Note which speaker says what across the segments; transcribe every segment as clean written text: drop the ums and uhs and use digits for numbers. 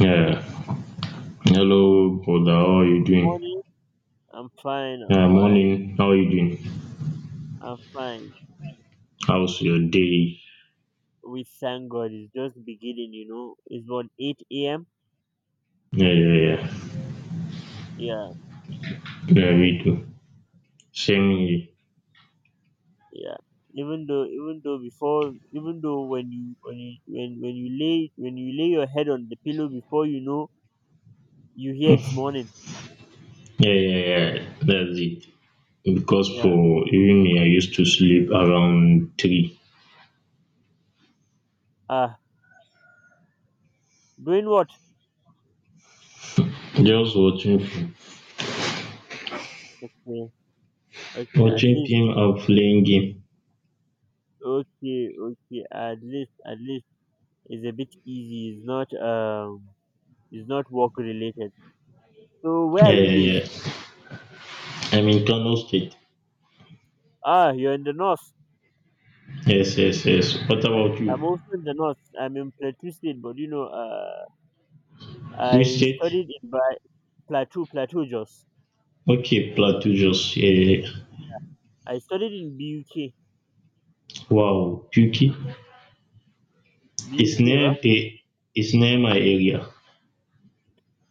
Speaker 1: Yeah. Hello, brother. How are you
Speaker 2: Good
Speaker 1: doing?
Speaker 2: morning. I'm fine. I'm
Speaker 1: Yeah,
Speaker 2: fine.
Speaker 1: morning. How are you doing?
Speaker 2: I'm fine.
Speaker 1: How's your day?
Speaker 2: We thank God. It's just beginning. It's about 8 a.m.
Speaker 1: Yeah, yeah, yeah.
Speaker 2: Yeah,
Speaker 1: Yeah, me too. Same here.
Speaker 2: yeah. Even though when you lay your head on the pillow, before you know, you hear it's morning.
Speaker 1: Yeah, yeah, yeah. That's it. Because
Speaker 2: Yeah.
Speaker 1: for even me, I used to sleep around three.
Speaker 2: Ah, doing what?
Speaker 1: Just
Speaker 2: Okay, okay. At
Speaker 1: watching
Speaker 2: least,
Speaker 1: film and playing game.
Speaker 2: okay, okay. At least it's a bit easy. It's not work related. So where are
Speaker 1: Yeah,
Speaker 2: you
Speaker 1: yeah,
Speaker 2: based?
Speaker 1: yeah. I'm in Kano State.
Speaker 2: Ah, you're in the north.
Speaker 1: Yes, yes, yes. What about you?
Speaker 2: I'm also in the north. I'm in Plateau State, but
Speaker 1: Which
Speaker 2: I
Speaker 1: state?
Speaker 2: studied in ba- Plateau Jos.
Speaker 1: Okay, Plateau just. Yeah, yeah, yeah.
Speaker 2: I studied in BUK,
Speaker 1: Wow, Puky. It's
Speaker 2: BUK ba.
Speaker 1: near my area.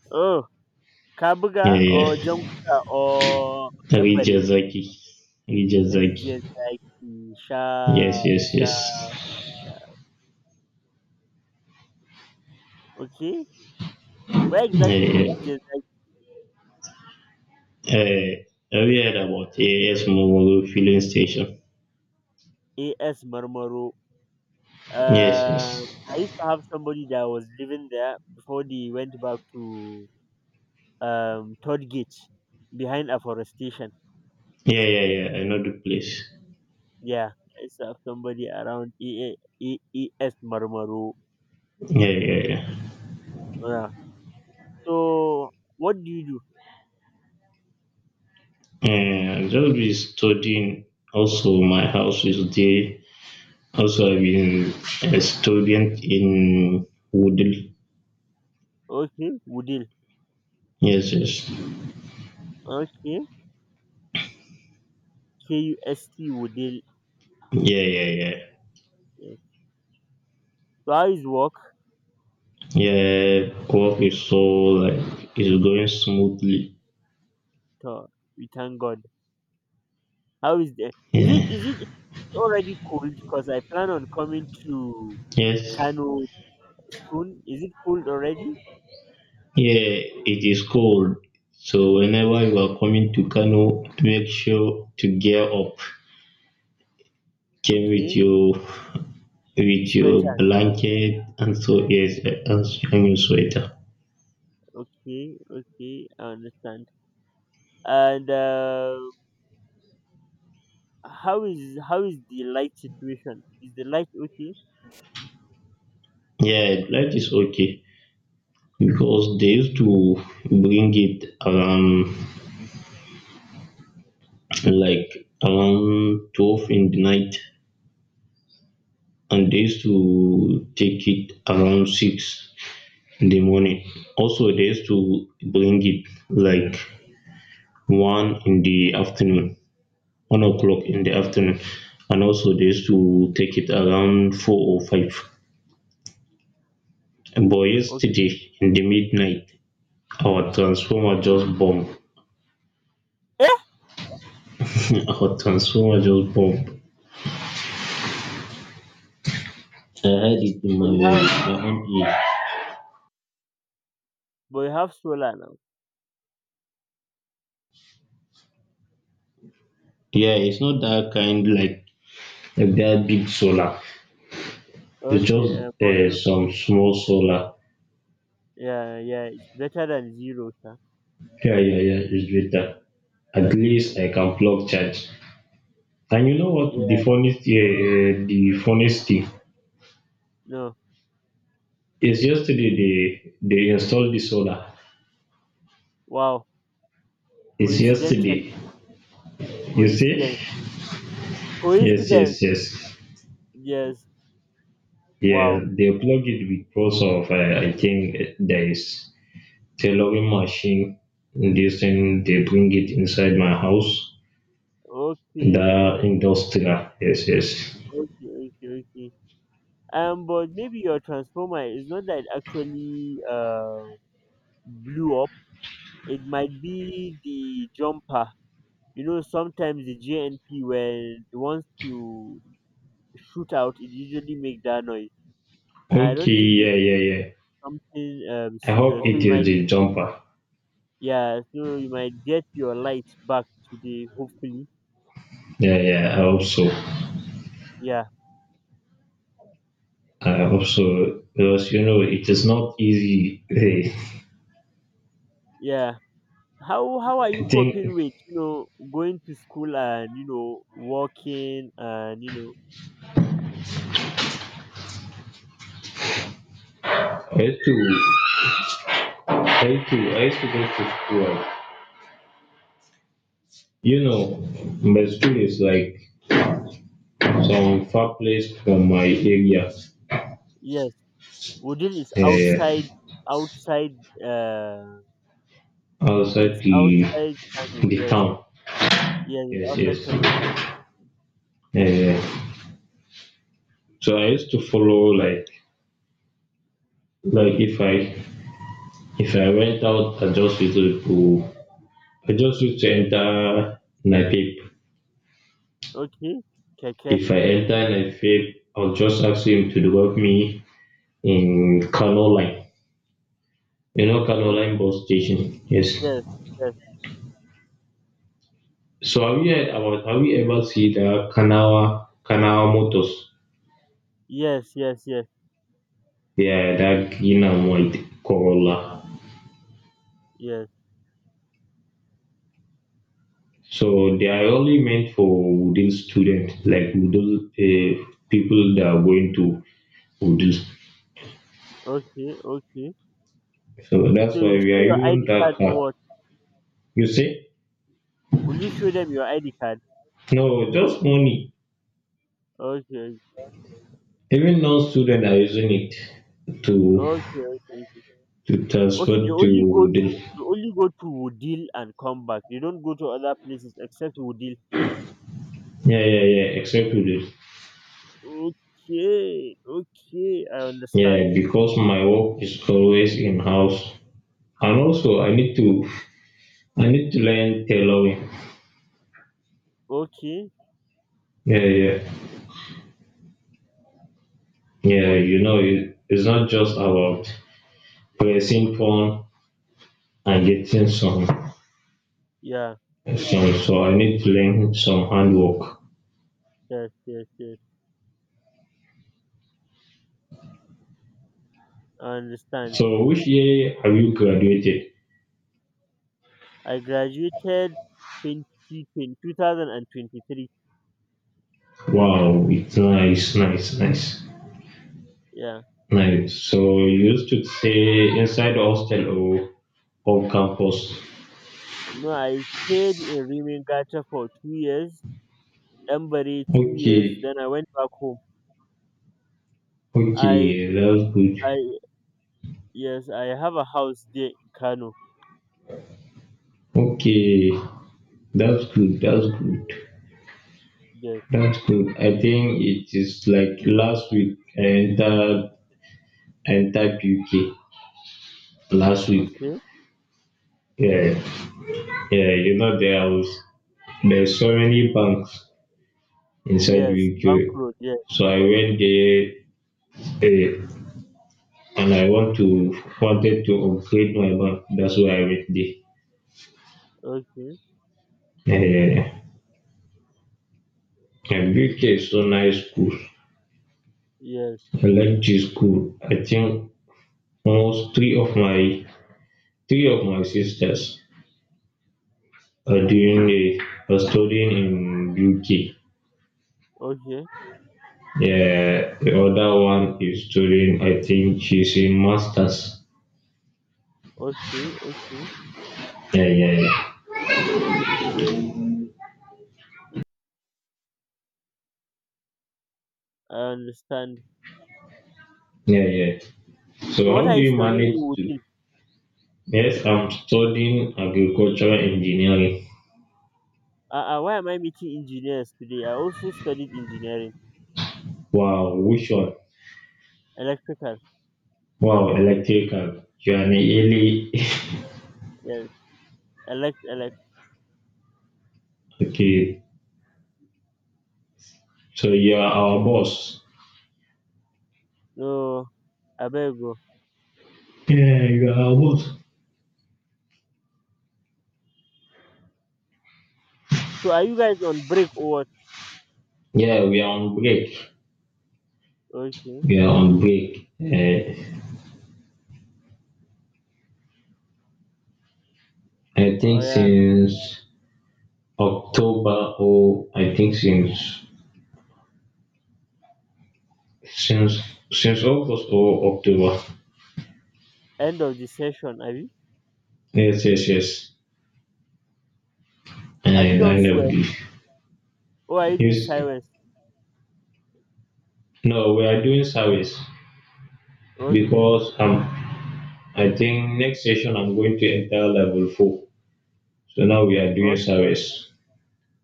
Speaker 2: Oh,
Speaker 1: Yeah,
Speaker 2: Kabuga or
Speaker 1: yeah.
Speaker 2: Jankuda or Dambare
Speaker 1: Rijazaki, Rijazaki.
Speaker 2: region like Sha
Speaker 1: Yes, yes,
Speaker 2: Sha.
Speaker 1: yes.
Speaker 2: Yeah. Okay, where
Speaker 1: Yeah,
Speaker 2: exactly in
Speaker 1: yeah.
Speaker 2: region
Speaker 1: Uh, have you heard about AAS Momoro filling station?
Speaker 2: like AS Marmaro?
Speaker 1: Yes, yes.
Speaker 2: I used to have somebody that was living there before they went back to Third Gate behind afforestation.
Speaker 1: Yeah, yeah, yeah. I know the place.
Speaker 2: Yeah, I saw somebody around EEES Marmaro.
Speaker 1: Yeah, yeah, yeah.
Speaker 2: Yeah. So what do you do?
Speaker 1: And just be studying. Also, my house is there. Also, I've been a student in Woodle.
Speaker 2: Okay, Woodil.
Speaker 1: Yes, yes.
Speaker 2: Okay, KUST Woodil.
Speaker 1: Yeah, yeah, yeah.
Speaker 2: Yeah. So how is work?
Speaker 1: Yeah, work is so like it's going smoothly.
Speaker 2: So, we thank God. How is the? Is it
Speaker 1: Yeah.
Speaker 2: is it is it already cold? Because I plan on coming to
Speaker 1: Yes.
Speaker 2: Kano soon. Is it cold already?
Speaker 1: Yeah, it is cold. So whenever you are coming to Kano, make sure to gear up. Came
Speaker 2: Okay,
Speaker 1: with your
Speaker 2: sweater.
Speaker 1: blanket and so yes and your sweater.
Speaker 2: Okay, okay, I understand. And. How is the light situation? Is the light okay?
Speaker 1: Yeah, light is okay because they used to bring it around like around 12 in the night, and they used to take it around six in the morning. Also, they used to bring it like one in the afternoon, 1 o'clock in the afternoon, and also they used to take it around four or five. But
Speaker 2: Okay.
Speaker 1: yesterday in the midnight, our transformer just bombed.
Speaker 2: Eh?
Speaker 1: Our transformer just bombed. I heard it in
Speaker 2: But
Speaker 1: my
Speaker 2: you have
Speaker 1: my own ear.
Speaker 2: but you have solar now.
Speaker 1: Yeah, it's not that kind like that big solar. It's
Speaker 2: Okay.
Speaker 1: just
Speaker 2: But
Speaker 1: some small solar.
Speaker 2: yeah, yeah, it's better than zero, sir.
Speaker 1: Yeah, yeah, yeah, it's better. At
Speaker 2: Like,
Speaker 1: least I can plug charge. And you know what?
Speaker 2: yeah.
Speaker 1: The funniest thing
Speaker 2: No.
Speaker 1: is yesterday they installed the solar.
Speaker 2: Wow.
Speaker 1: It's
Speaker 2: Coincidentally,
Speaker 1: yesterday. You see?
Speaker 2: coincidence,
Speaker 1: Yes,
Speaker 2: coincidence.
Speaker 1: yes, yes.
Speaker 2: Yes.
Speaker 1: Yeah,
Speaker 2: Wow.
Speaker 1: they plug it because of I think there is tailoring machine. This thing they bring it inside my house.
Speaker 2: Okay.
Speaker 1: The
Speaker 2: Okay.
Speaker 1: industrial. Yes, yes.
Speaker 2: Okay. Okay. Okay. But maybe your transformer is not that it actually blew up. It might be the jumper. You know, sometimes the JNP when it wants to shoot out, it usually make that noise. I
Speaker 1: Okay,
Speaker 2: don't think
Speaker 1: yeah,
Speaker 2: it's
Speaker 1: yeah, yeah.
Speaker 2: something
Speaker 1: I
Speaker 2: serious.
Speaker 1: hope it is the jumper.
Speaker 2: Yeah. So you might get your light back today, hopefully.
Speaker 1: Yeah, yeah, I hope so.
Speaker 2: Yeah,
Speaker 1: I hope so because you know it is not easy. Hey,
Speaker 2: yeah. How are
Speaker 1: I
Speaker 2: you coping
Speaker 1: think
Speaker 2: with, going to school, and working, and you know
Speaker 1: I used to, I used to go to school. You know, my school is like some far place from my area,
Speaker 2: yes, Wooden is outside
Speaker 1: uh,
Speaker 2: outside Uh it's
Speaker 1: outside the
Speaker 2: outside Kano.
Speaker 1: the
Speaker 2: Yes,
Speaker 1: town.
Speaker 2: yes, it's
Speaker 1: Yes,
Speaker 2: outside Kano
Speaker 1: yes.
Speaker 2: town.
Speaker 1: Uh, so I used to follow like like if I if I went out, I just used to enter Napep.
Speaker 2: Okay. Keke.
Speaker 1: If I enter and I fail, I'll just ask him to drop me in Kano Line. You know Kano Line
Speaker 2: Okay.
Speaker 1: bus station. Yes.
Speaker 2: Yes, yes.
Speaker 1: So have you heard about have you ever seen the Kanawa Motors?
Speaker 2: Yes, yes, yes,
Speaker 1: Yeah, that green and white Corolla.
Speaker 2: yes.
Speaker 1: So they are only meant for Wudil students, like Wudil people that are going to Wudil.
Speaker 2: Okay, okay.
Speaker 1: So
Speaker 2: So
Speaker 1: that's why
Speaker 2: you
Speaker 1: we
Speaker 2: show
Speaker 1: are
Speaker 2: your
Speaker 1: using
Speaker 2: ID card
Speaker 1: that
Speaker 2: or
Speaker 1: car.
Speaker 2: what?
Speaker 1: You see?
Speaker 2: Will you show them your ID card?
Speaker 1: No, just money.
Speaker 2: Okay,
Speaker 1: Even non students are using it to
Speaker 2: okay, okay. Okay, Okay, they
Speaker 1: transfer to
Speaker 2: only go to
Speaker 1: Wudil.
Speaker 2: they only go to Woodil and come back. They don't go to other places except Woodil.
Speaker 1: Yeah, yeah, yeah, except Wudil.
Speaker 2: Okay, okay, I understand.
Speaker 1: Yeah, because my work is always in house. And also I need to learn tailoring.
Speaker 2: Okay,
Speaker 1: Yeah, yeah. Yeah, you
Speaker 2: okay.
Speaker 1: know it's not just about pressing phone and getting some
Speaker 2: Yeah,
Speaker 1: so I need to learn some handwork.
Speaker 2: yes, yes, yes. I understand.
Speaker 1: So which year have you graduated?
Speaker 2: I graduated 2020, 2023.
Speaker 1: Wow, it's nice, nice, nice.
Speaker 2: Yeah.
Speaker 1: Nice. So you used to stay inside the hostel or on campus?
Speaker 2: No, I stayed in Rimingata for 2 years, Embare 2 years,
Speaker 1: Okay,
Speaker 2: then I went back home. I
Speaker 1: okay, that's good.
Speaker 2: I Yes, I have a house there in Kano.
Speaker 1: Okay, that's good, that's good,
Speaker 2: Yes.
Speaker 1: that's good. I think it is like last week I entered UK last week.
Speaker 2: Okay.
Speaker 1: Yeah, yeah, you know there's so many banks inside
Speaker 2: Yes.
Speaker 1: UK.
Speaker 2: Bank Road, yes.
Speaker 1: So I went there, eh, and I want to wanted to upgrade my bank. That's why I went there.
Speaker 2: Okay.
Speaker 1: Eh, and UK is so nice school.
Speaker 2: Yes.
Speaker 1: I like this school. I think almost three of my sisters are doing a are studying in UK.
Speaker 2: Okay.
Speaker 1: Yeah, the other one is studying. I think she's in masters.
Speaker 2: Okay. Okay.
Speaker 1: Yeah, yeah, yeah,
Speaker 2: I understand.
Speaker 1: yeah, yeah.
Speaker 2: So
Speaker 1: So
Speaker 2: what
Speaker 1: how
Speaker 2: are
Speaker 1: do
Speaker 2: you
Speaker 1: you
Speaker 2: studying
Speaker 1: manage
Speaker 2: in
Speaker 1: to?
Speaker 2: Wudil?
Speaker 1: Yes, I'm studying agricultural engineering.
Speaker 2: Why am I meeting engineers today? I also studied engineering.
Speaker 1: Wow, which one?
Speaker 2: Electrical.
Speaker 1: Wow, electrical. You are really
Speaker 2: Yes. Elect elect.
Speaker 1: okay. So you are our boss.
Speaker 2: No, I better go.
Speaker 1: Yeah, you are our boss.
Speaker 2: So are you guys on break or what?
Speaker 1: Yeah, we are on break.
Speaker 2: Okay.
Speaker 1: Yeah, on break. I
Speaker 2: Oh
Speaker 1: think
Speaker 2: yeah,
Speaker 1: since October or I think since since since August or October.
Speaker 2: end of the session. Have you?
Speaker 1: Yes, yes, yes.
Speaker 2: Have you
Speaker 1: And
Speaker 2: done
Speaker 1: I never
Speaker 2: sweep?
Speaker 1: did.
Speaker 2: Or are you doing
Speaker 1: Yes.
Speaker 2: sideways?
Speaker 1: No, we are doing service
Speaker 2: Okay,
Speaker 1: because I think next session I'm going to enter level four. So now we are doing
Speaker 2: okay,
Speaker 1: service.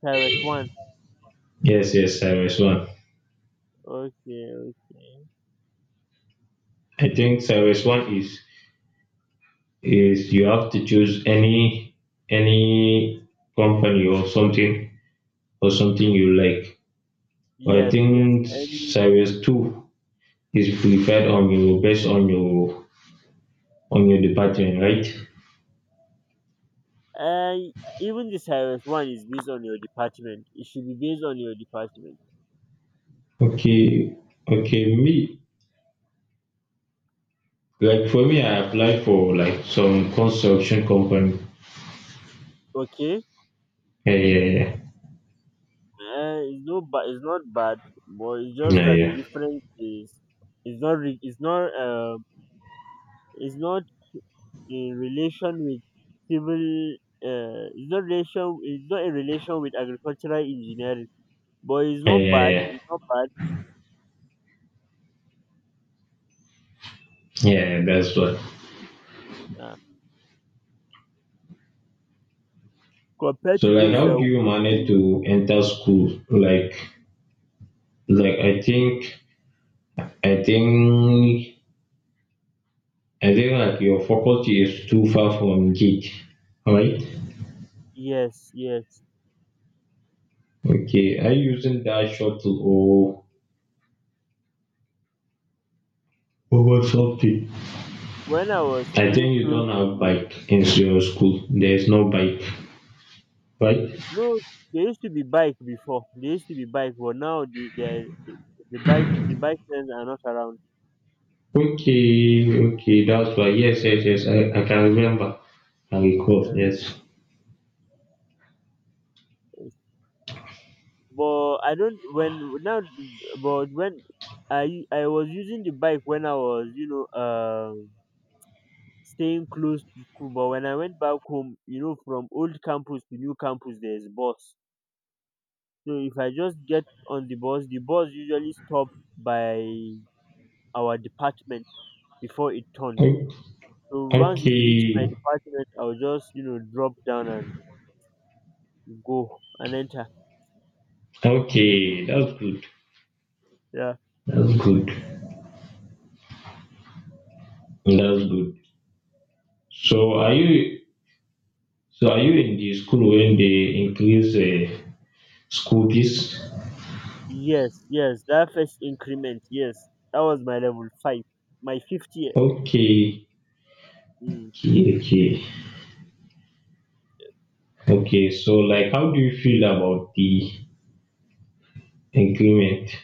Speaker 2: sideways one.
Speaker 1: Yes, yes, service one.
Speaker 2: Okay, okay.
Speaker 1: I think service one is you have to choose any any company or something you like. I
Speaker 2: Yes, yes.
Speaker 1: think service two is prepared on your on your department, right?
Speaker 2: Uh, even the sideways one is based on your department. It should be based on your department.
Speaker 1: Okay, okay. Me, like for me, I applied for like some construction company.
Speaker 2: Okay,
Speaker 1: Yeah, yeah, yeah,
Speaker 2: uh, it's no, it's not bad, but it's just
Speaker 1: yeah,
Speaker 2: that the
Speaker 1: yeah,
Speaker 2: difference is, it's not, re- it's not, um, it's not in relation with civil. It's not relation. It's not in relation with agricultural engineering. But it's
Speaker 1: yeah,
Speaker 2: not bad.
Speaker 1: yeah,
Speaker 2: It's not bad,
Speaker 1: yeah, yeah, that's what.
Speaker 2: uh, compared
Speaker 1: So
Speaker 2: to
Speaker 1: like,
Speaker 2: those
Speaker 1: how
Speaker 2: that
Speaker 1: do
Speaker 2: will
Speaker 1: you
Speaker 2: go
Speaker 1: manage
Speaker 2: to.
Speaker 1: to enter school? Like I think, I think, I think like your faculty is too far from gate, right?
Speaker 2: Yes, yes.
Speaker 1: Okay, are you using that shuttle or over something?
Speaker 2: When I was
Speaker 1: I
Speaker 2: staying
Speaker 1: think you
Speaker 2: close
Speaker 1: don't have
Speaker 2: to
Speaker 1: bike in your school. There's no bike, right?
Speaker 2: No, there used to be bike before. There used to be bike, but now the bike lanes are not around.
Speaker 1: Okay, okay, that's why. Yes, yes, yes. I can remember. I recall.
Speaker 2: Yeah,
Speaker 1: Yes.
Speaker 2: but I don't when now. But when I was using the bike when I was staying close to school, but when I went back home, from old campus to new campus, there's bus. So if I just get on the bus usually stop by our department before it turns.
Speaker 1: O-
Speaker 2: So once it reach
Speaker 1: Okay,
Speaker 2: my department, I'll just drop down and go and enter.
Speaker 1: okay. That's good.
Speaker 2: Yeah.
Speaker 1: That's good. That's good. So are you? So are you in the school when they increase school fees?
Speaker 2: Yes, yes, that first increment, yes, that was my level 5, my fifth year.
Speaker 1: Okay,
Speaker 2: Mm.
Speaker 1: okay, okay. Okay, so like how do you feel about the increment?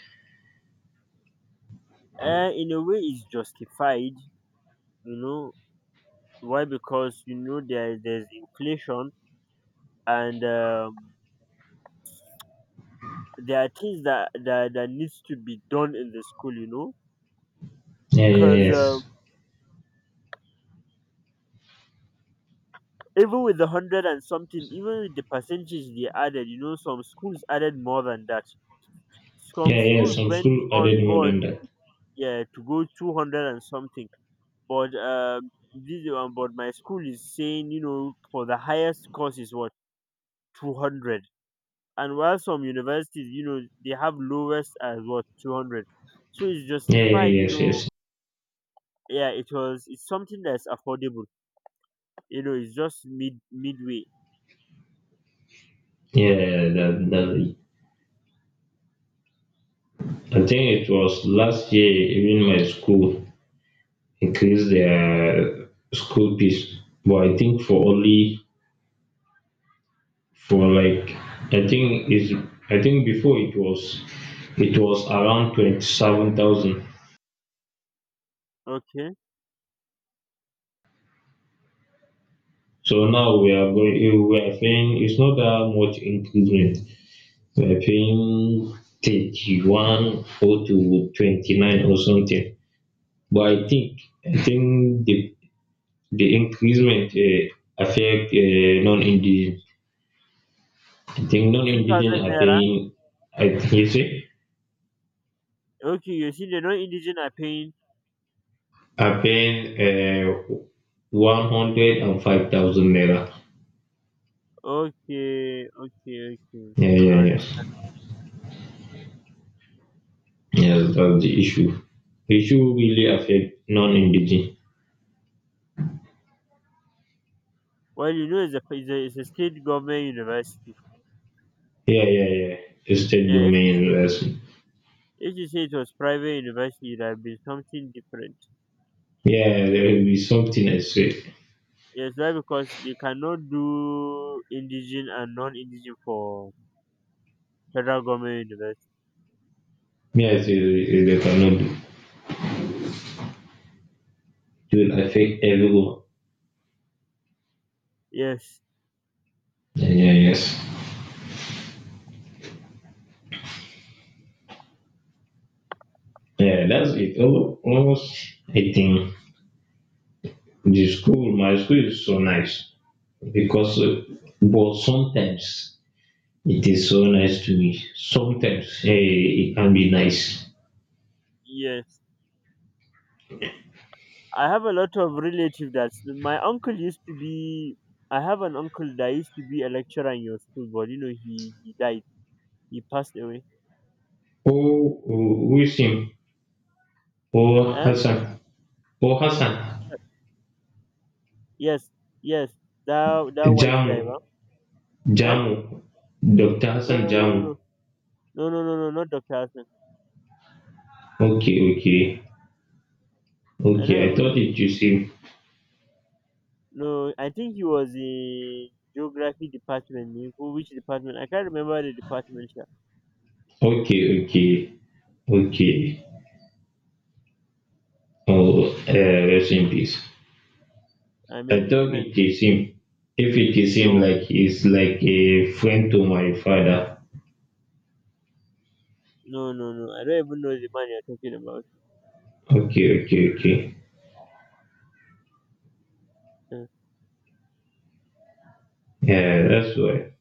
Speaker 2: In a way, it's justified, you know. Why? Because there's inflation and there are things that needs to be done in the school.
Speaker 1: Yeah, yeah,
Speaker 2: Cause
Speaker 1: yes.
Speaker 2: even with the hundred and something, even with the percentage they added, some schools added more than that. Some
Speaker 1: Yeah, yeah,
Speaker 2: schools
Speaker 1: some
Speaker 2: went
Speaker 1: school
Speaker 2: on
Speaker 1: added more
Speaker 2: board,
Speaker 1: than that.
Speaker 2: yeah, to go 200 and something. But this one, but my school is saying, for the highest course is what 200, and while some universities, they have lowest as what 200. So it's
Speaker 1: Yeah,
Speaker 2: justified,
Speaker 1: yeah,
Speaker 2: you
Speaker 1: yes,
Speaker 2: know.
Speaker 1: yes.
Speaker 2: Yeah, it was. It's something that's affordable. It's just midway.
Speaker 1: Yeah, that, that, I think it was last year, even my school increased their school fees. But I think for only for like I think is I think before it was around 27,000.
Speaker 2: Okay,
Speaker 1: So now we are paying it's not that much increment. I think 31 or to 29 or something. But I think the increasement affect non-indigenous. I think
Speaker 2: the 2,000
Speaker 1: non-indigenous are
Speaker 2: naira
Speaker 1: paying. I think you say
Speaker 2: Okay, you see the non-indigent are paying.
Speaker 1: are paying 105,000 naira.
Speaker 2: Okay, okay, okay.
Speaker 1: Yeah,
Speaker 2: I
Speaker 1: yeah, yeah.
Speaker 2: understand.
Speaker 1: Yeah, that's the issue. The issue really affect non-indigenous.
Speaker 2: Well, it's a state government university.
Speaker 1: Yeah, yeah, yeah. The state
Speaker 2: Yeah, if
Speaker 1: domain investment.
Speaker 2: if you say it was private university, it would have been something different.
Speaker 1: Yeah, there will be something I say.
Speaker 2: Yes, why? Because you cannot do indigent and non-indigent for federal government university.
Speaker 1: Me, I say Rebecca, no, do. It will affect everyone.
Speaker 2: Yes,
Speaker 1: Yeah, yeah, yes. Yeah, that's it. Almost, I think the school, my school is so nice because, but sometimes it is so nice to me. Sometimes eh, it can be nice.
Speaker 2: yes. I have a lot of relatives that my uncle used to be. I have an uncle that used to be a lecturer in your school, but he died. He passed away.
Speaker 1: Oh, oh Wisim, oh
Speaker 2: Eh?
Speaker 1: Hassan, oh Hassan,
Speaker 2: Yes, yes, that white guy, ba?
Speaker 1: Jamu,
Speaker 2: Eh?
Speaker 1: Jamu, Dr.
Speaker 2: No,
Speaker 1: Hassan
Speaker 2: no, no, no,
Speaker 1: Jamu.
Speaker 2: no, no, no, no, no, not Doctor Hassan.
Speaker 1: Okay, okay,
Speaker 2: I don't
Speaker 1: okay. I
Speaker 2: even
Speaker 1: thought
Speaker 2: know him.
Speaker 1: it was him.
Speaker 2: No, I think he was in geography department. You go, which department? I can't remember the department sha.
Speaker 1: Okay, okay, okay. Oh, rest in peace.
Speaker 2: I
Speaker 1: I
Speaker 2: mean,
Speaker 1: thought
Speaker 2: amen.
Speaker 1: it is him. If it is him,
Speaker 2: No,
Speaker 1: like he's like a friend to my father.
Speaker 2: no, no, no. I don't even know the man you're talking about.
Speaker 1: Okay, okay, okay. Yeah, that's why.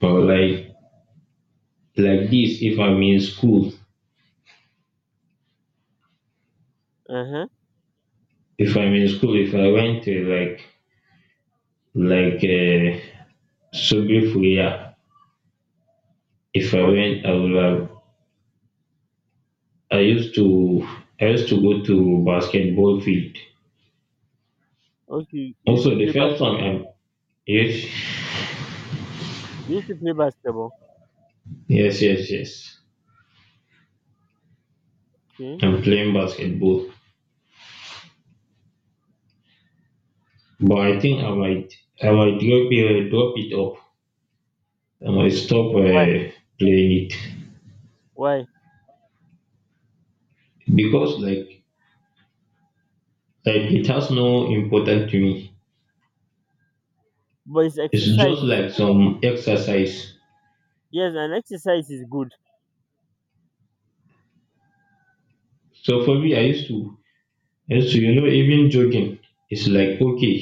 Speaker 1: But like this,
Speaker 2: Uh huh.
Speaker 1: if I'm in school, if I went to like like uh, Sobifulia, if I
Speaker 2: Okay,
Speaker 1: went, I would have. I used to I used to go to basketball field.
Speaker 2: okay.
Speaker 1: Also, the first time I'm yes
Speaker 2: You used to play basketball.
Speaker 1: yes yes yes.
Speaker 2: Okay.
Speaker 1: I'm playing basketball. But I think I might drop it off. I might stop
Speaker 2: Why?
Speaker 1: playing it
Speaker 2: Why?
Speaker 1: because like it has no importance to me.
Speaker 2: But his
Speaker 1: It's
Speaker 2: exercise
Speaker 1: just
Speaker 2: is
Speaker 1: like
Speaker 2: good now.
Speaker 1: some exercise.
Speaker 2: Yes, and exercise is good.
Speaker 1: So for me, I used to you know even jogging is like okay,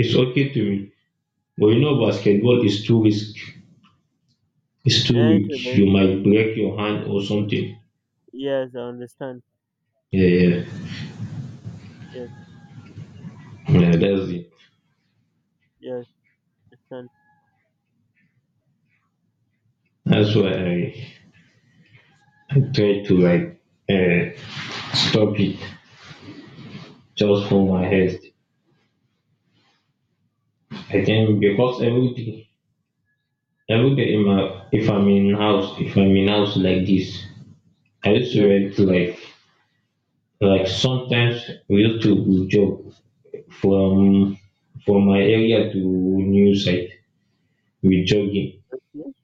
Speaker 1: it's okay to me. But you know basketball is too risk. It's too
Speaker 2: Eh, to
Speaker 1: weak.
Speaker 2: the-
Speaker 1: You might break your hand or something.
Speaker 2: Yes, I understand.
Speaker 1: Yeah, yeah,
Speaker 2: Yes,
Speaker 1: yeah. That's it.
Speaker 2: yes. understand.
Speaker 1: That's why I try to like stop it, just for my health. I think because every day in my, if I'm in house like this, I used to
Speaker 2: Yes,
Speaker 1: read like sometimes we used to jog from my area to new site. We jogging,
Speaker 2: yes.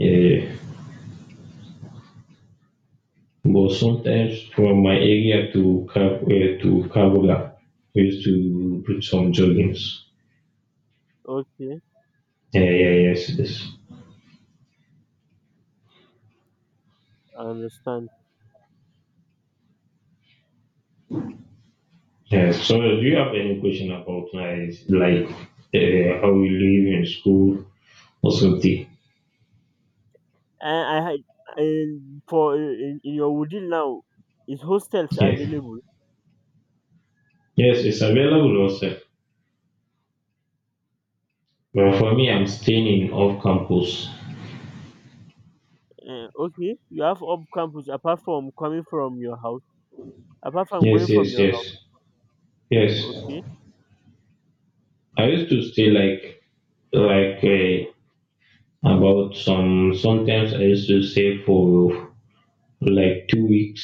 Speaker 1: uh, but sometimes from my area to Kabula, we used to do some joggings.
Speaker 2: Okay,
Speaker 1: Yeah, yeah, yes, yes.
Speaker 2: I understand.
Speaker 1: Yes. So, do you have any question about like how we live in school or something?
Speaker 2: And I had and for in your Wudil now, is hostels
Speaker 1: Yes.
Speaker 2: available?
Speaker 1: Yes, it's available also. But for me, I'm staying in off campus.
Speaker 2: Okay, you have up campus apart from coming from your house, apart from going
Speaker 1: Yes,
Speaker 2: from
Speaker 1: yes,
Speaker 2: your house.
Speaker 1: yes, yes.
Speaker 2: Okay,
Speaker 1: I used to stay like like uh, about some. Sometimes I used to stay for like 2 weeks,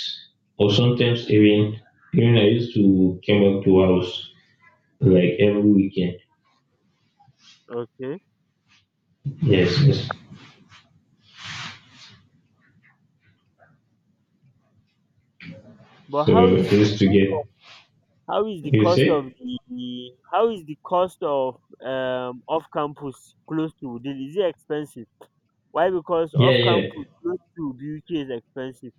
Speaker 1: or sometimes even I used to come back to house like every weekend.
Speaker 2: okay.
Speaker 1: Yes, yes.
Speaker 2: But
Speaker 1: So I used to get you say.
Speaker 2: how is the cost of off campus close to Wudil? Is it expensive? Why? Because
Speaker 1: Yeah,
Speaker 2: off
Speaker 1: yeah.
Speaker 2: campus close to BUK is expensive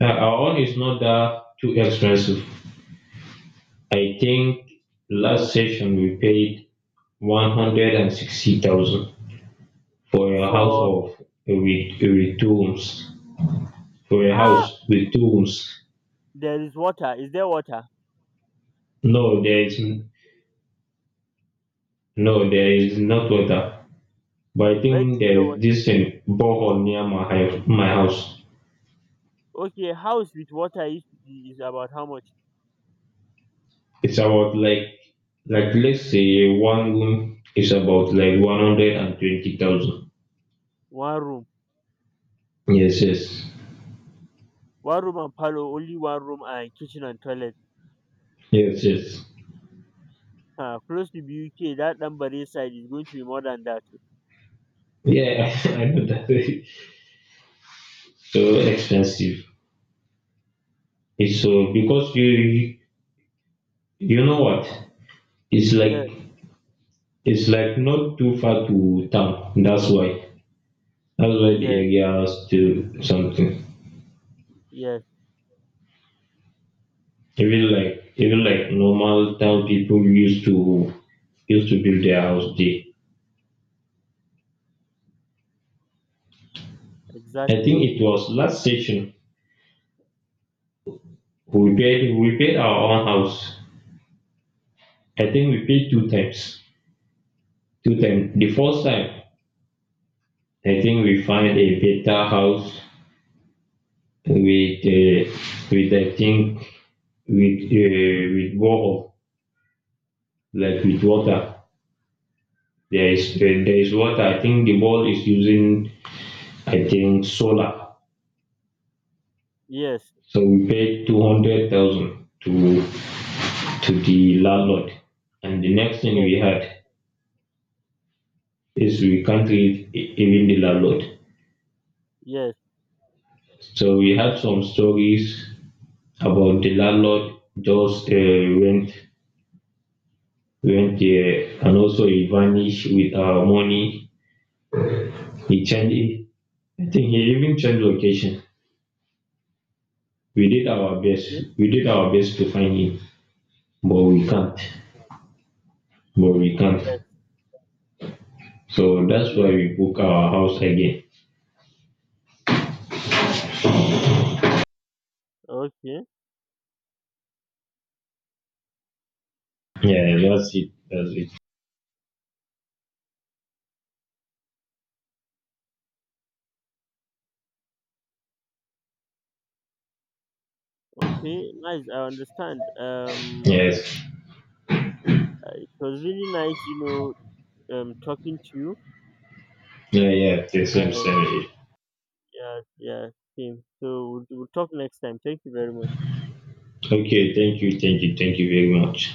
Speaker 1: Our own is not that too expensive. I think last session we paid 160,000 for a house
Speaker 2: for.
Speaker 1: of with two rooms. For a
Speaker 2: ah,
Speaker 1: house with two rooms.
Speaker 2: There is water. Is there water?
Speaker 1: No, there is no, there is not water. But I
Speaker 2: Where do
Speaker 1: think
Speaker 2: you
Speaker 1: there
Speaker 2: get water?
Speaker 1: is this thing borehole near my house. My house.
Speaker 2: Okay, house with water is about how much?
Speaker 1: It's about like let's say one room is about like 120,000.
Speaker 2: One room.
Speaker 1: Yes, yes,
Speaker 2: One room and parlor, only one room and kitchen and toilet.
Speaker 1: yes, yes.
Speaker 2: Close to BUK, that number side is going to be more than that.
Speaker 1: Yeah, I know that. So expensive. It's so because you know what? It's
Speaker 2: Yes,
Speaker 1: like not too far to town. That's why. That's why the
Speaker 2: yes,
Speaker 1: area
Speaker 2: yes,
Speaker 1: has still something.
Speaker 2: yes,
Speaker 1: Even like normal town people used to build their house there. I
Speaker 2: exactly.
Speaker 1: think it was last session we paid our own house. I think we paid two times. Two times. The first time I think we find a better house with uh, with I think with borehole like with water. There is water. I think the ball is using I think solar.
Speaker 2: Yes,
Speaker 1: So we paid 200,000 to the landlord, and the next thing
Speaker 2: yes,
Speaker 1: we had is we can't leave even the landlord.
Speaker 2: yes,
Speaker 1: So we had some stories about the landlord just went went there and also he vanished with our money. He changed it. I think he even changed location. We did our best.
Speaker 2: yes,
Speaker 1: We did our best to find him, but we
Speaker 2: yes,
Speaker 1: can't. But we can't.
Speaker 2: yes.
Speaker 1: So that's
Speaker 2: Okay,
Speaker 1: why we book our house again.
Speaker 2: okay,
Speaker 1: Yeah, that's it. That's it.
Speaker 2: okay. Nice, I understand. Um,
Speaker 1: Yes.
Speaker 2: it was really nice, talking to you.
Speaker 1: Yeah, yeah. The same,
Speaker 2: I
Speaker 1: same.
Speaker 2: Yeah, yeah, same. So we'll talk next time. Thank you very much.
Speaker 1: Okay. Thank you. Thank you. Thank you very much.